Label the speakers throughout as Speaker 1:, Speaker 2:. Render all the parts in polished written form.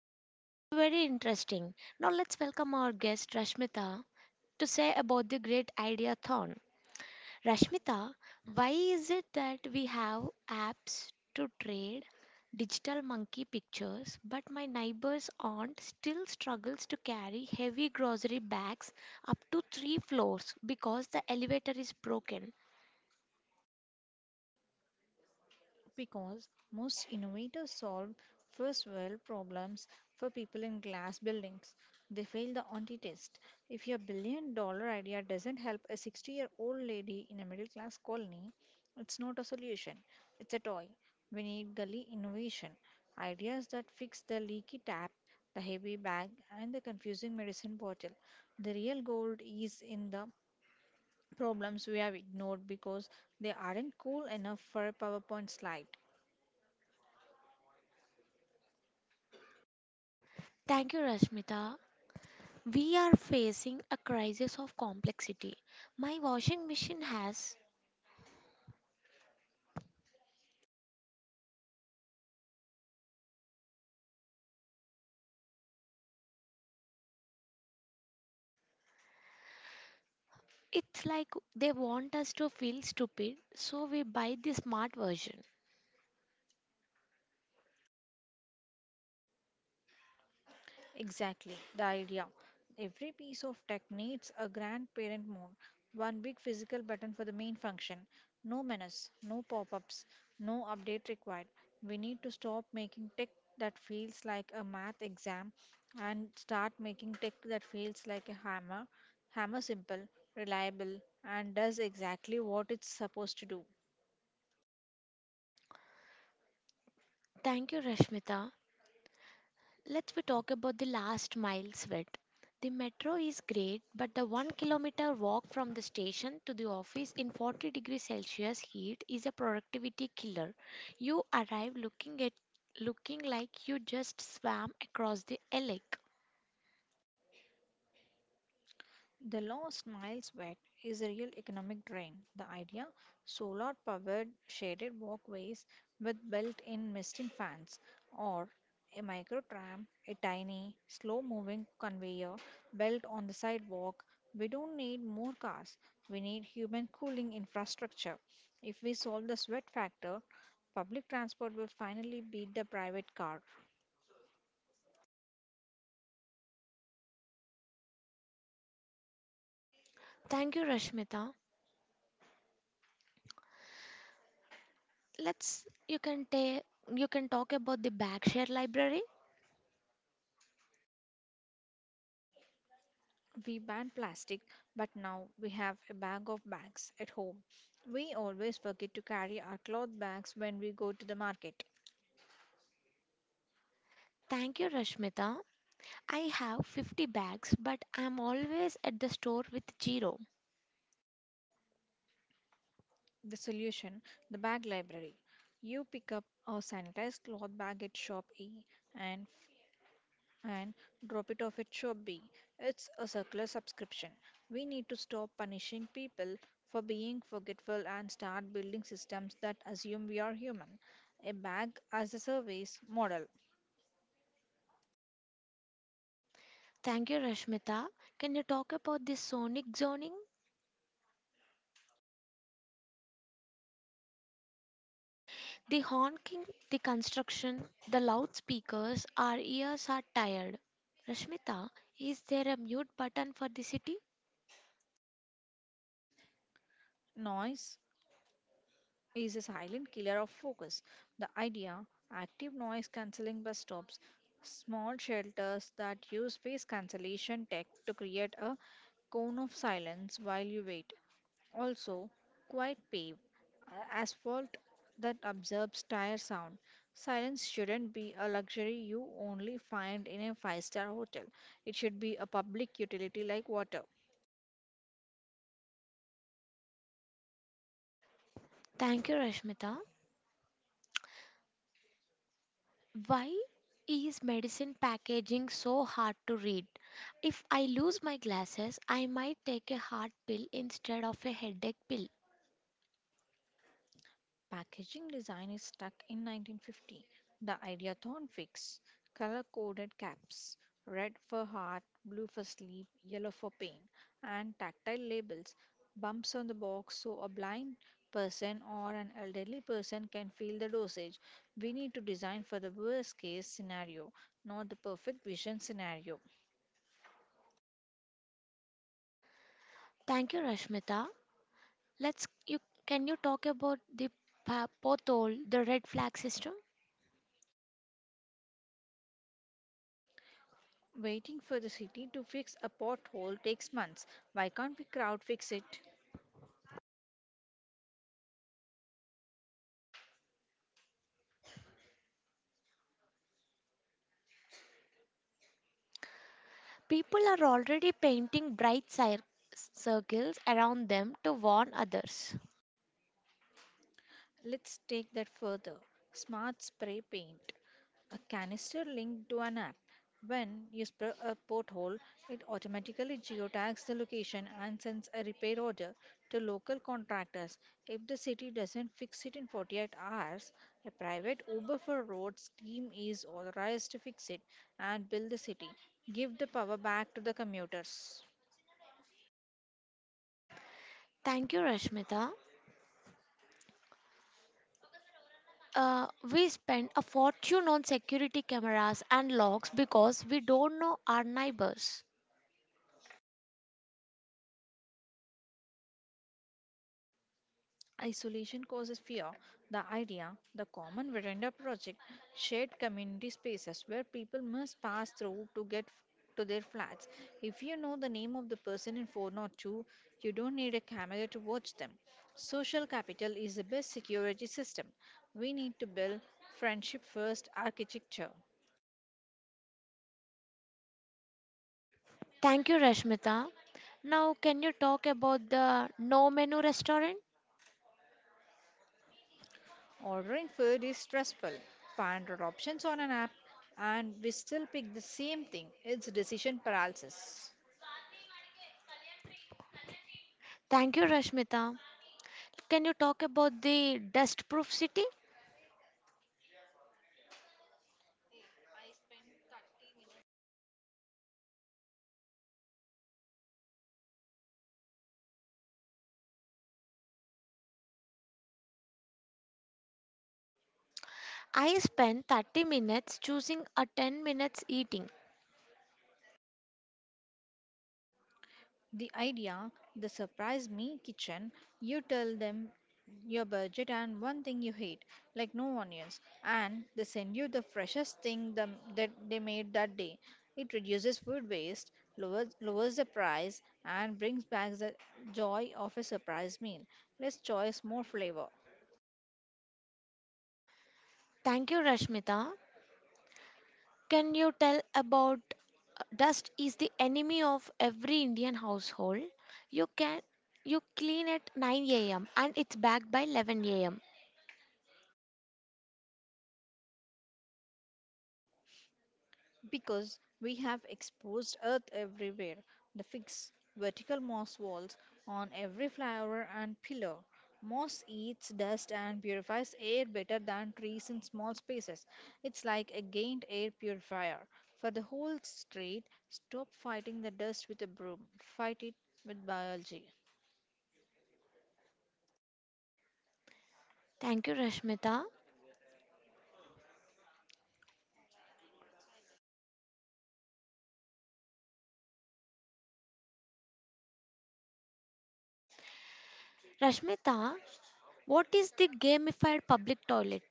Speaker 1: real life. It's very interesting. Now let's welcome our guest Rashmita to say about the great idea thorn. Rashmita, why is it that we have apps to trade digital monkey pictures but my neighbor's aunt still struggles to carry heavy grocery bags up to 3 floors because the elevator is broken?
Speaker 2: Because most innovators solve first world problems for people in glass buildings. They fail the anti test. If your $1 billion idea doesn't help a 60-year-old lady in a middle class colony, it's not a solution, it's a toy. We need gully innovation ideas that fix the leaky tap, the heavy bag, and the confusing medicine bottle. The real gold is in the problems we have ignored because they aren't cool enough for a PowerPoint slide.
Speaker 1: Thank you, Rashmita. We are facing a crisis of complexity. My washing machine has. It's like they want us to feel stupid, so we buy the smart version.
Speaker 2: Exactly, the idea. Every piece of tech needs a grandparent mode, one big physical button for the main function. No menace, no pop ups, no update required. We need to stop making tech that feels like a math exam and start making tech that feels like a hammer. Hammer simple, reliable, and does exactly what it's supposed to do.
Speaker 1: Thank you, Rashmita. Let's we talk about the last mile sweat. The metro is great, but the 1 kilometer walk from the station to the office in 40 degrees Celsius heat is a productivity killer. You arrive looking like you just swam across the lake.
Speaker 2: The lost miles wet is a real economic drain. The idea, solar powered shaded walkways with built in misting fans, or a micro tram, a tiny, slow moving conveyor belt on the sidewalk. We don't need more cars, we need human cooling infrastructure. If we solve the sweat factor, public transport will finally beat the private car.
Speaker 1: Thank you, Rashmita. Let's you can take you can talk about the bag share library.
Speaker 2: We ban plastic, but now we have a bag of bags at home. We always forget to carry our cloth bags when we go to the market.
Speaker 1: Thank you, Rashmita. I have 50 bags, but I'm always at the store with zero.
Speaker 2: The solution, the bag library. You pick up a sanitized cloth bag at shop A and and drop it off at shop B. It's a circular subscription. We need to stop punishing people for being forgetful and start building systems that assume we are human. A bag as a service model.
Speaker 1: Thank you, Rashmita. Can you talk about the sonic zoning? The honking, the construction, the loudspeakers, our ears are tired. Rashmita, is there a mute button for the city?
Speaker 2: Noise is a silent killer of focus. The idea, active noise cancelling bus stops, small shelters that use face cancellation tech to create a cone of silence while you wait. Also, quiet pave, asphalt that absorbs tire sound. Silence shouldn't be a luxury you only find in a five-star hotel. It should be a public utility like water.
Speaker 1: Thank you, Rashmita. Why is medicine packaging so hard to read? If I lose my glasses, I might take a heart pill instead of a headache pill.
Speaker 2: Packaging design is stuck in 1950. The Ideathon fix, color coded caps, red for heart, blue for sleep, yellow for pain, and tactile labels, bumps on the box so a blind person or an elderly person can feel the dosage. We need to design for the worst case scenario, not the perfect vision scenario.
Speaker 1: Thank you, Rashmita. Let's you can you talk about the pothole, the red flag system?
Speaker 2: Waiting for the city to fix a pothole takes months. Why can't we crowd fix it?
Speaker 1: People are already painting bright circles around them to warn others.
Speaker 2: Let's take that further. Smart spray paint. A canister linked to an app. When you spray a pothole, it automatically geotags the location and sends a repair order to local contractors. If the city doesn't fix it in 48 hours, a private Uber for roads team is authorized to fix it and bill the city. Give the power back to the commuters.
Speaker 1: Thank you, Rashmita. Uh, we spend a fortune on security cameras and locks because we don't know our neighbors.
Speaker 2: Isolation causes fear. The idea, the common veranda project, shared community spaces where people must pass through to get to their flats. If you know the name of the person in 402, you don't need a camera to watch them. Social capital is the best security system. We need to build friendship first architecture.
Speaker 1: Thank you, Rashmita. Now, can you talk about the no menu restaurant?
Speaker 2: Ordering food is stressful. 500 options on an app, and we still pick the same thing. It's decision paralysis.
Speaker 1: Thank you, Rashmita. Can you talk about the dust proof city? I spent 30 minutes choosing a 10 minutes eating.
Speaker 2: The idea, the surprise me kitchen, you tell them your budget and one thing you hate, like no onions, and they send you the freshest that they made that day. It reduces food waste, lowers the price, and brings back the joy of a surprise meal. Less choice, more flavor.
Speaker 1: Thank you, Rashmita. Can you tell about dust is the enemy of every Indian household? You can you clean at 9 a.m. and it's back by 11 a.m.
Speaker 2: Because we have exposed earth everywhere, the fixed vertical moss walls on every flyover and pillar. Moss eats dust and purifies air better than trees in small spaces. It's like a gained air purifier. For the whole street, stop fighting the dust with a broom. Fight it with biology.
Speaker 1: Thank you, Rashmita. Rashmita, what is the gamified public toilet?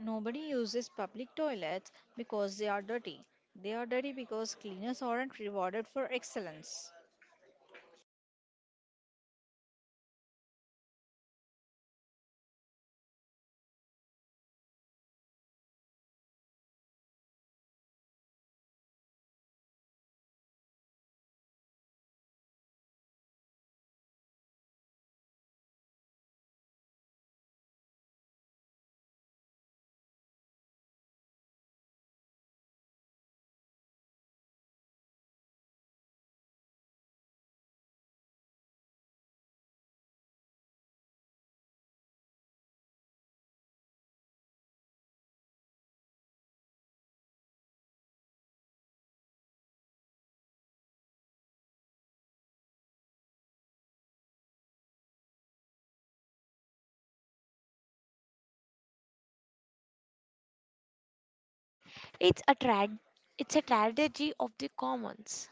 Speaker 2: Nobody uses public toilets because they are dirty. They are dirty because cleaners aren't rewarded for excellence.
Speaker 1: It's a trad it's a tragedy of the commons.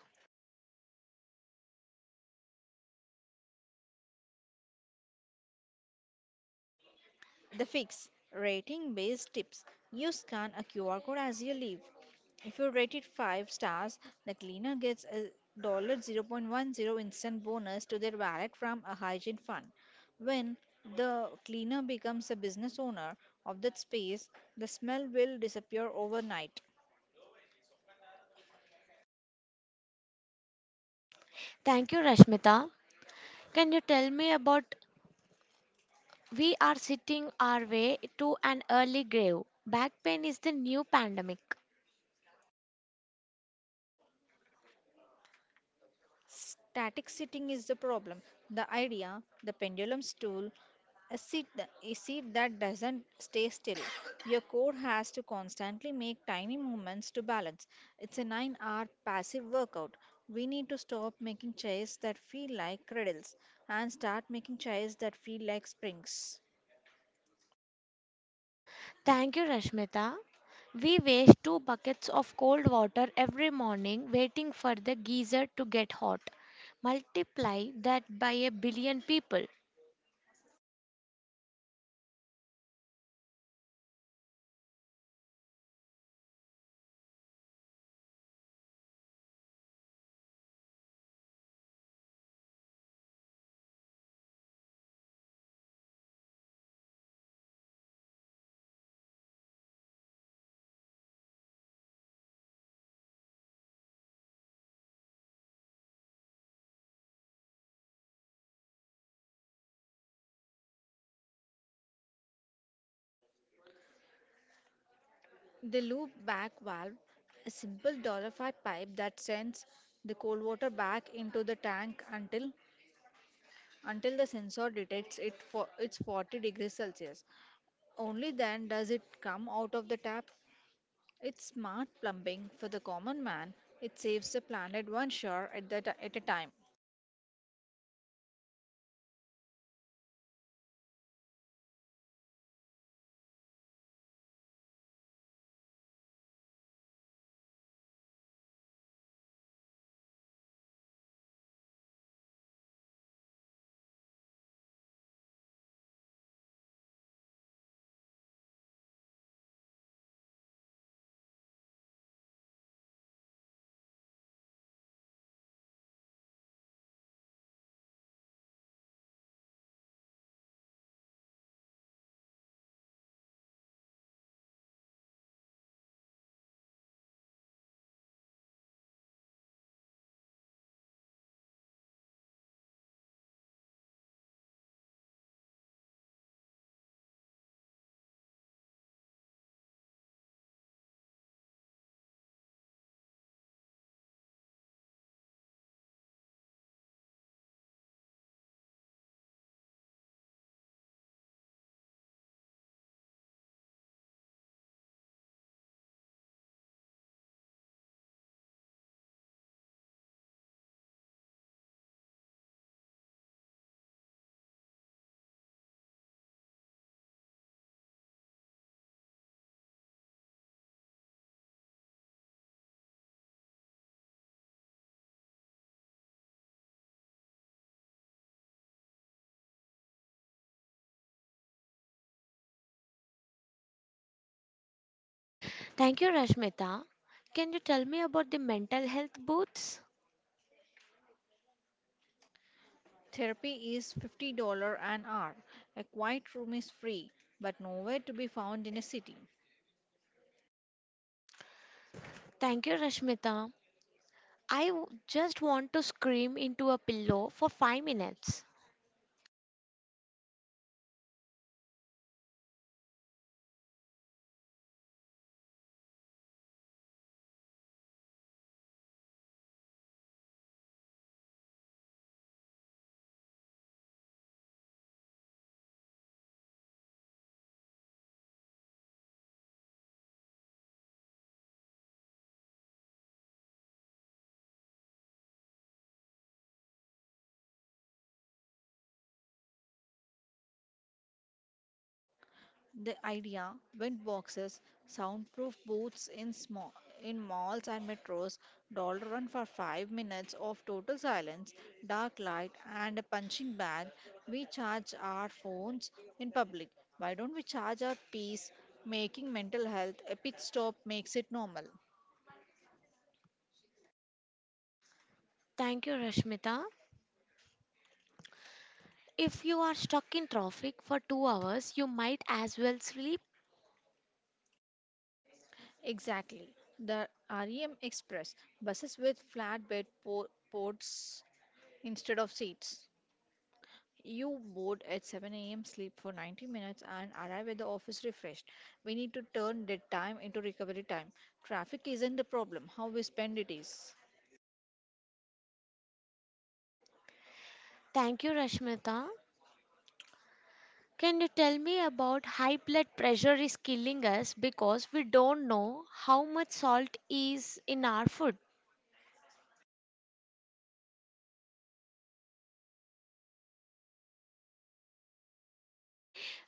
Speaker 2: The fix, rating based tips. You scan a QR code as you leave. If you rate it 5 stars, the cleaner gets a $0.10 instant bonus to their wallet from a hygiene fund. When the cleaner becomes a business owner of that space, the smell will disappear overnight.
Speaker 1: Thank you, Rashmita. Can you tell me about we are sitting our way to an early grave. Back pain is the new pandemic.
Speaker 2: Static sitting is the problem. The idea, the pendulum stool, a seat that doesn't stay still. Your core has to constantly make tiny movements to balance. It's a 9-hour passive workout. We need to stop making chairs that feel like cradles and start making chairs that feel like springs.
Speaker 1: Thank you, Rashmita. We waste two buckets of cold water every morning waiting for the geyser to get hot. Multiply that by a billion people.
Speaker 2: The loop back valve, a simple dollar five pipe that sends the cold water back into the tank until the sensor detects it for it's 40 degrees Celsius. Only then does it come out of the tap. It's smart plumbing for the common man. It saves the planet one shower at a time.
Speaker 1: Thank you, Rashmita. Can you tell me about the mental health booths?
Speaker 2: Therapy is $50 an hour. A quiet room is free, but nowhere to be found in a city.
Speaker 1: Thank you, Rashmita. I just want to scream into a pillow for 5 minutes.
Speaker 2: The idea, wind boxes, soundproof booths in malls and metros, dollar run for 5 minutes of total silence, dark light, and a punching bag. We charge our phones in public. Why don't we charge our peace? Making mental health a pit stop makes it normal.
Speaker 1: Thank you, Rashmita. If you are stuck in traffic for 2 hours, you might as well sleep.
Speaker 2: Exactly. The REM Express buses with flatbed ports instead of seats. You board at 7 a.m., sleep for 90 minutes, and arrive at the office refreshed. We need to turn that time into recovery time. Traffic isn't the problem, how we spend it is.
Speaker 1: Thank you, Rashmita. Can you tell me about high blood pressure is killing us because we don't know how much salt is in our food?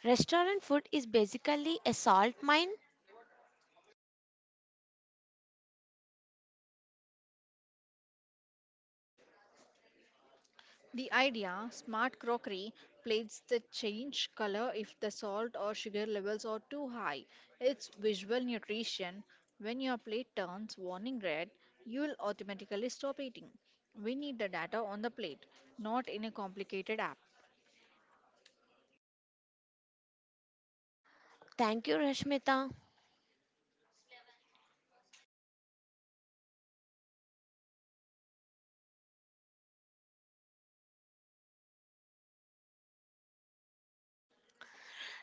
Speaker 1: Restaurant food is basically a salt mine.
Speaker 2: The idea, smart crockery plates that change color if the salt or sugar levels are too high. It's visual nutrition. When your plate turns warning red, you'll automatically stop eating. We need the data on the plate, not in a complicated app.
Speaker 1: Thank you, Rashmita.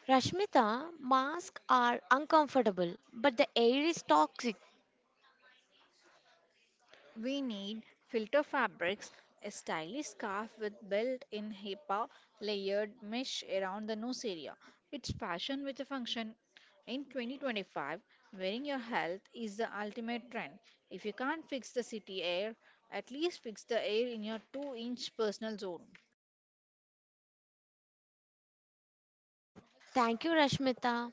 Speaker 1: Rashmita, masks are uncomfortable, but the air is toxic.
Speaker 2: We need filter fabrics, a stylish scarf with built-in HEPA layered mesh around the nose area. It's fashion with a function. In 2025, wearing your health is the ultimate trend. If you can't fix the city air, at least fix the air in your 2-inch personal zone.
Speaker 1: Thank you, Rashmita.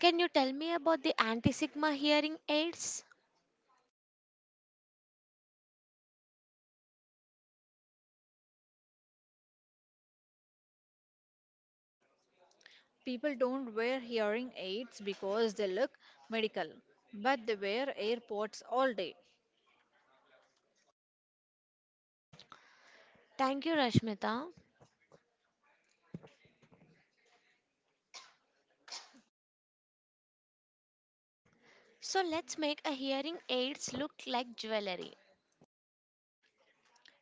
Speaker 1: Can you tell me about the anti sigma hearing aids?
Speaker 2: People don't wear hearing aids because they look medical, but they wear AirPods all day.
Speaker 1: Thank you, Rashmita. So, let's make a hearing aids look like jewelry.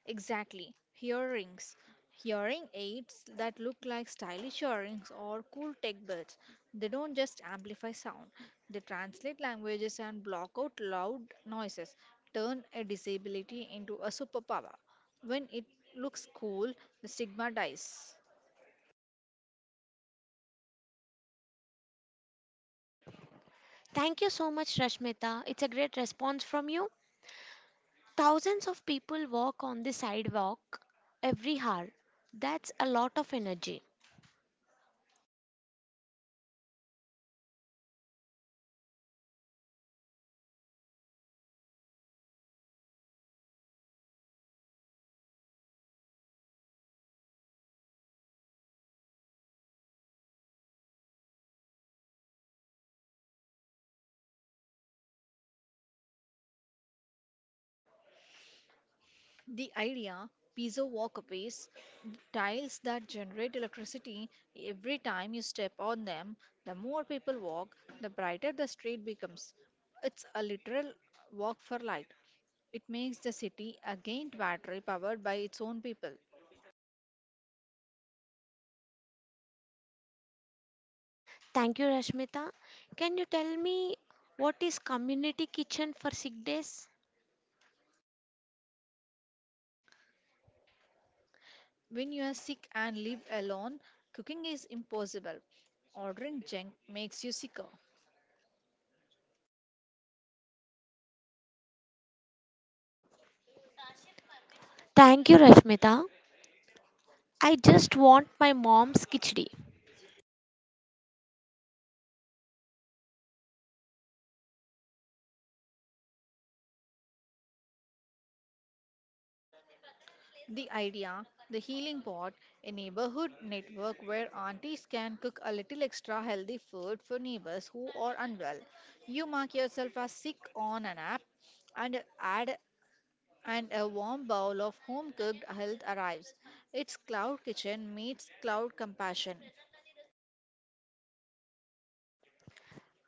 Speaker 2: Exactly. Hearing aids that look like stylish earrings or cool tech buds. They don't just amplify sound, they translate languages and block out loud noises, turn a disability into a superpower. When it looks cool, the stigma dies.
Speaker 1: Thank you so much, Rashmita. It's a great response from you. Thousands of people walk on the sidewalk every hour. That's a lot of energy.
Speaker 2: The idea, piezo walkways, tiles that generate electricity every time you step on them. The more people walk, the brighter the street becomes. It's a literal walk for light. It makes the city a giant battery powered by its own people.
Speaker 1: Thank you, Rashmita. Can you tell me what is community kitchen for sick days?
Speaker 2: When you are sick and live alone, cooking is impossible. Ordering junk makes you sicker.
Speaker 1: Thank you, Rashmita. I just want my mom's khichdi.
Speaker 2: The idea, the healing pot, a neighborhood network where aunties can cook a little extra healthy food for neighbors who are unwell. You mark yourself as sick on an app and add and a warm bowl of home cooked health arrives. It's cloud kitchen meets cloud compassion.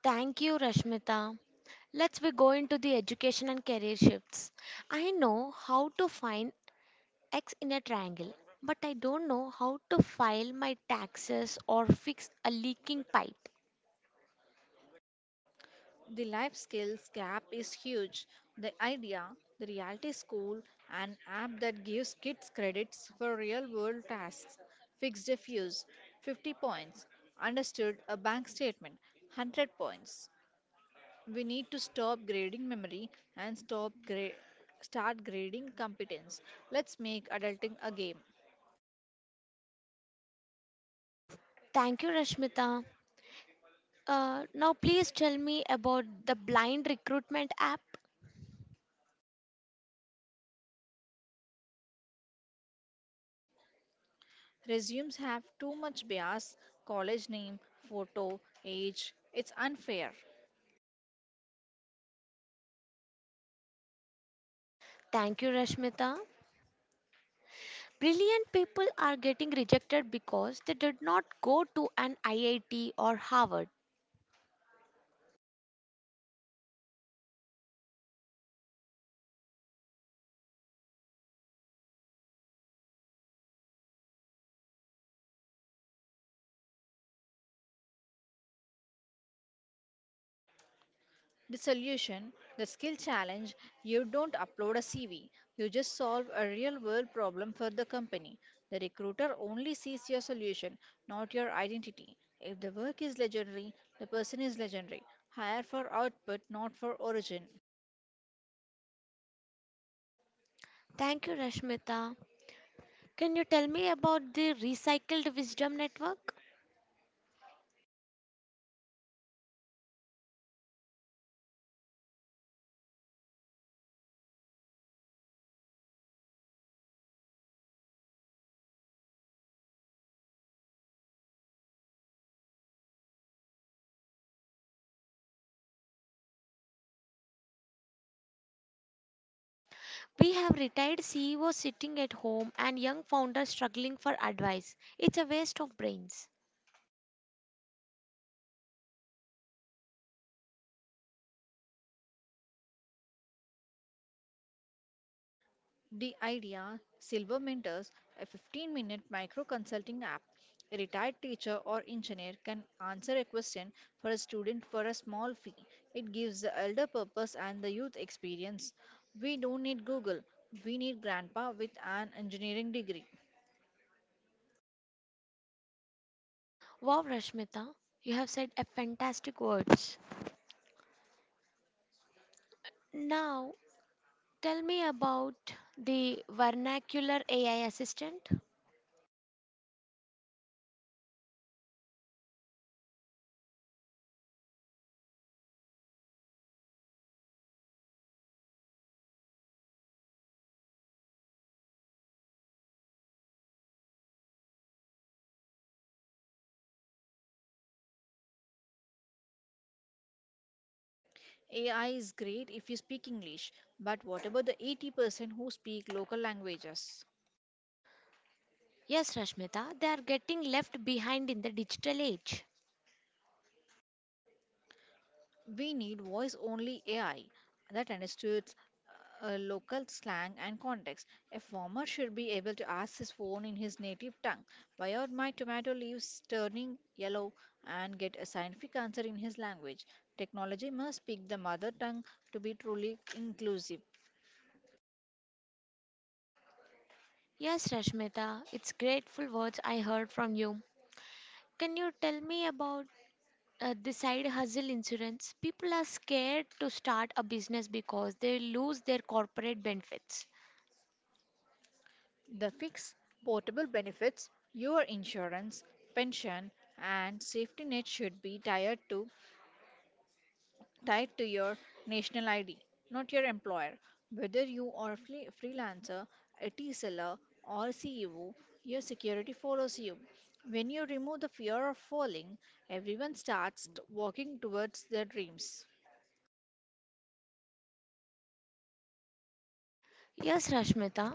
Speaker 1: Thank you, Rashmita. Let's we go into the education and career shifts. I know how to find x in a triangle, but I don't know how to file my taxes or fix a leaking pipe.
Speaker 2: The life skills gap is huge. The idea, the reality school, an app that gives kids credits for real world tasks, fixed a fuse, 50 points, understood a bank statement, 100 points. We need to stop grading memory and start grading competence. Let's make adulting a game.
Speaker 1: Thank you, Rashmita. Now please tell me about the blind recruitment app.
Speaker 2: Resumes have too much bias, college name, photo, age. It's unfair.
Speaker 1: Thank you, Rashmita. Brilliant people are getting rejected because they did not go to an IIT or Harvard.
Speaker 2: The solution, the skill challenge, you don't upload a CV. You just solve a real world problem for the company. The recruiter only sees your solution, not your identity. If the work is legendary, the person is legendary. Hire for output, not for origin.
Speaker 1: Thank you, Rashmita. Can you tell me about the Recycled Wisdom Network? We have retired CEOs sitting at home and young founders struggling for advice. It's a waste of brains.
Speaker 2: The idea, Silver Mentors, a 15-minute micro consulting app. A retired teacher or engineer can answer a question for a student for a small fee. It gives the elder purpose and the youth experience. We don't need Google, we need grandpa with an engineering degree.
Speaker 1: Wow, Rashmita, you have said a fantastic words. Now, tell me about the vernacular AI assistant.
Speaker 2: AI is great if you speak English, but what about the 80% who speak local languages?
Speaker 1: Yes, Rashmita, they are getting left behind in the digital age.
Speaker 2: We need voice only AI that understands local slang and context. A farmer should be able to ask his phone in his native tongue, why are my tomato leaves turning yellow, and get a scientific answer in his language. Technology must speak the mother tongue to be truly inclusive.
Speaker 1: Yes, Rashmita, it's grateful words I heard from you. Can you tell me about the side hustle insurance people are scared to start a business because they lose their corporate benefits.
Speaker 2: The fix, portable benefits, your insurance, pension, and safety net should be tied to your national ID, not your employer. Whether you are a freelancer, IT seller, or CEO, your security follows you. When you remove the fear of falling, everyone walking towards their dreams.
Speaker 1: Yes, Rashmita.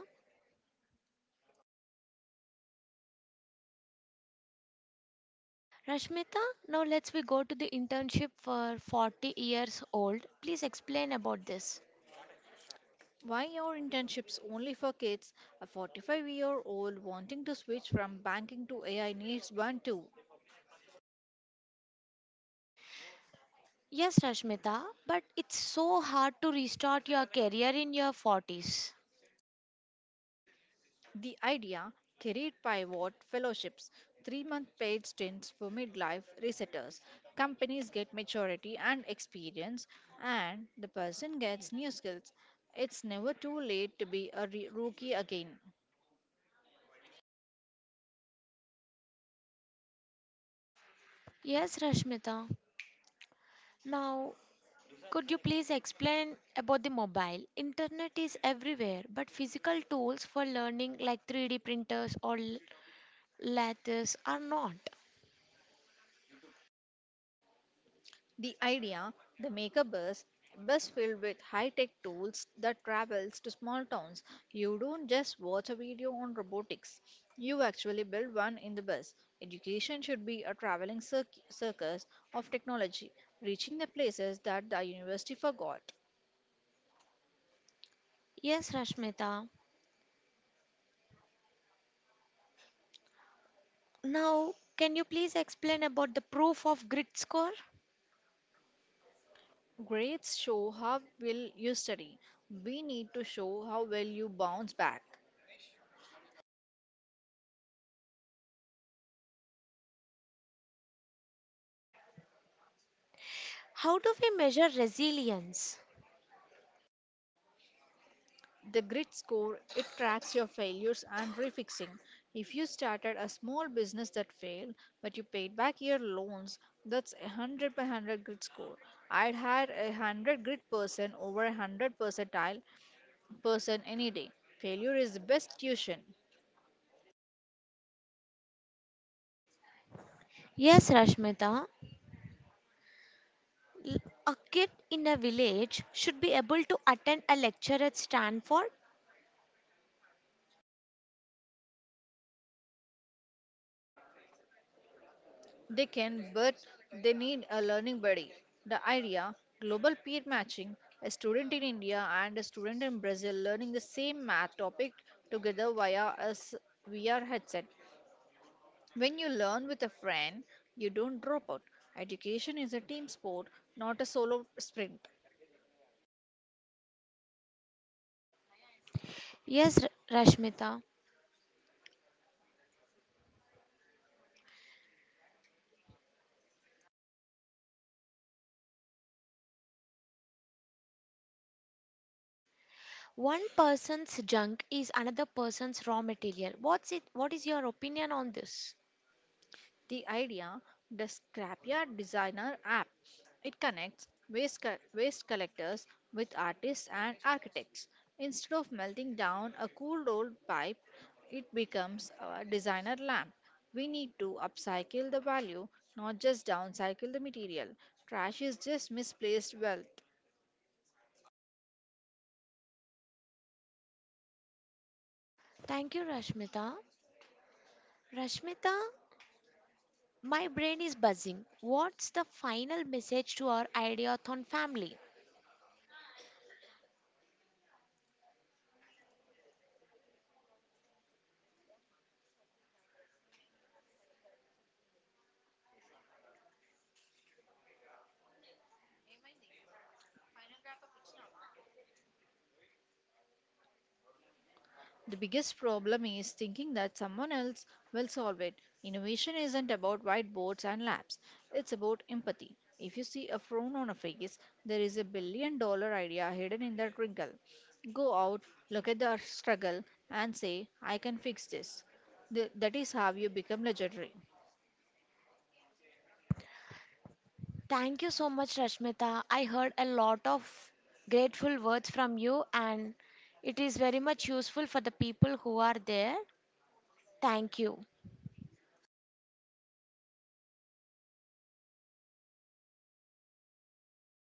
Speaker 1: Rashmita, now let's we go to the internship for 40 years old. Please explain about this.
Speaker 2: Why are internships only for kids? A 45-year-old wanting to switch from banking to AI needs one too.
Speaker 1: Yes, Rashmita, but it's so hard to restart your career in your 40s.
Speaker 2: The idea, career pivot fellowships, 3 month paid stints for midlife resetters. Companies get maturity and experience, and the person gets new skills. It's never too late to be a rookie again.
Speaker 1: Yes, Rashmita. Now, could you please explain about the mobile internet is everywhere but physical tools for learning like 3D printers or lattice are not.
Speaker 2: The idea, the mega bus, a bus filled with high-tech tools that travels to small towns. You don't just watch a video on robotics. You actually build one in the bus. Education should be a traveling circus of technology, reaching the places that the university forgot.
Speaker 1: Yes, Rashmita. Now, can you please explain about the proof of grit score?
Speaker 2: Grades show how well you study. We need to show how well you bounce back.
Speaker 1: How do we measure resilience?
Speaker 2: The grit score, it tracks your failures and refixing. If you started a small business that failed, but you paid back your loans, that's a 100 by 100 grit score. I'd hire a 100 grit person over a 100 percentile person any day. Failure is the best tuition.
Speaker 1: Yes, Rashmita. L- A kid in a village should be able to attend a lecture at Stanford.
Speaker 2: They can, but they need a learning buddy. The idea, global peer matching, a student in India and a student in Brazil learning the same math topic together via VR headset. When you learn with a friend, you don't drop out. Education is a team sport, not a solo sprint.
Speaker 1: Yes, Rashmita. One person's junk is another person's raw material. What's it? What is your opinion on this?
Speaker 2: The idea, the Scrapyard Designer app, it connects waste, waste collectors with artists and architects. Instead of melting down a cool old pipe, it becomes a designer lamp. We need to upcycle the value, not just downcycle the material. Trash is just misplaced wealth.
Speaker 1: Thank you, Rashmita. Rashmita, my brain is buzzing. What's the final message to our ideathon family?
Speaker 2: The biggest problem is thinking that someone else will solve it. Innovation isn't about whiteboards and labs, it's about empathy. If you see a frown on a face, there is a $1 billion idea hidden in that wrinkle. Go out, look at the struggle, and say, I can fix this. That is how you become legendary.
Speaker 1: Thank you so much, Rashmita. I heard a lot of grateful words from you, and it is very much useful for the people who are there. Thank you.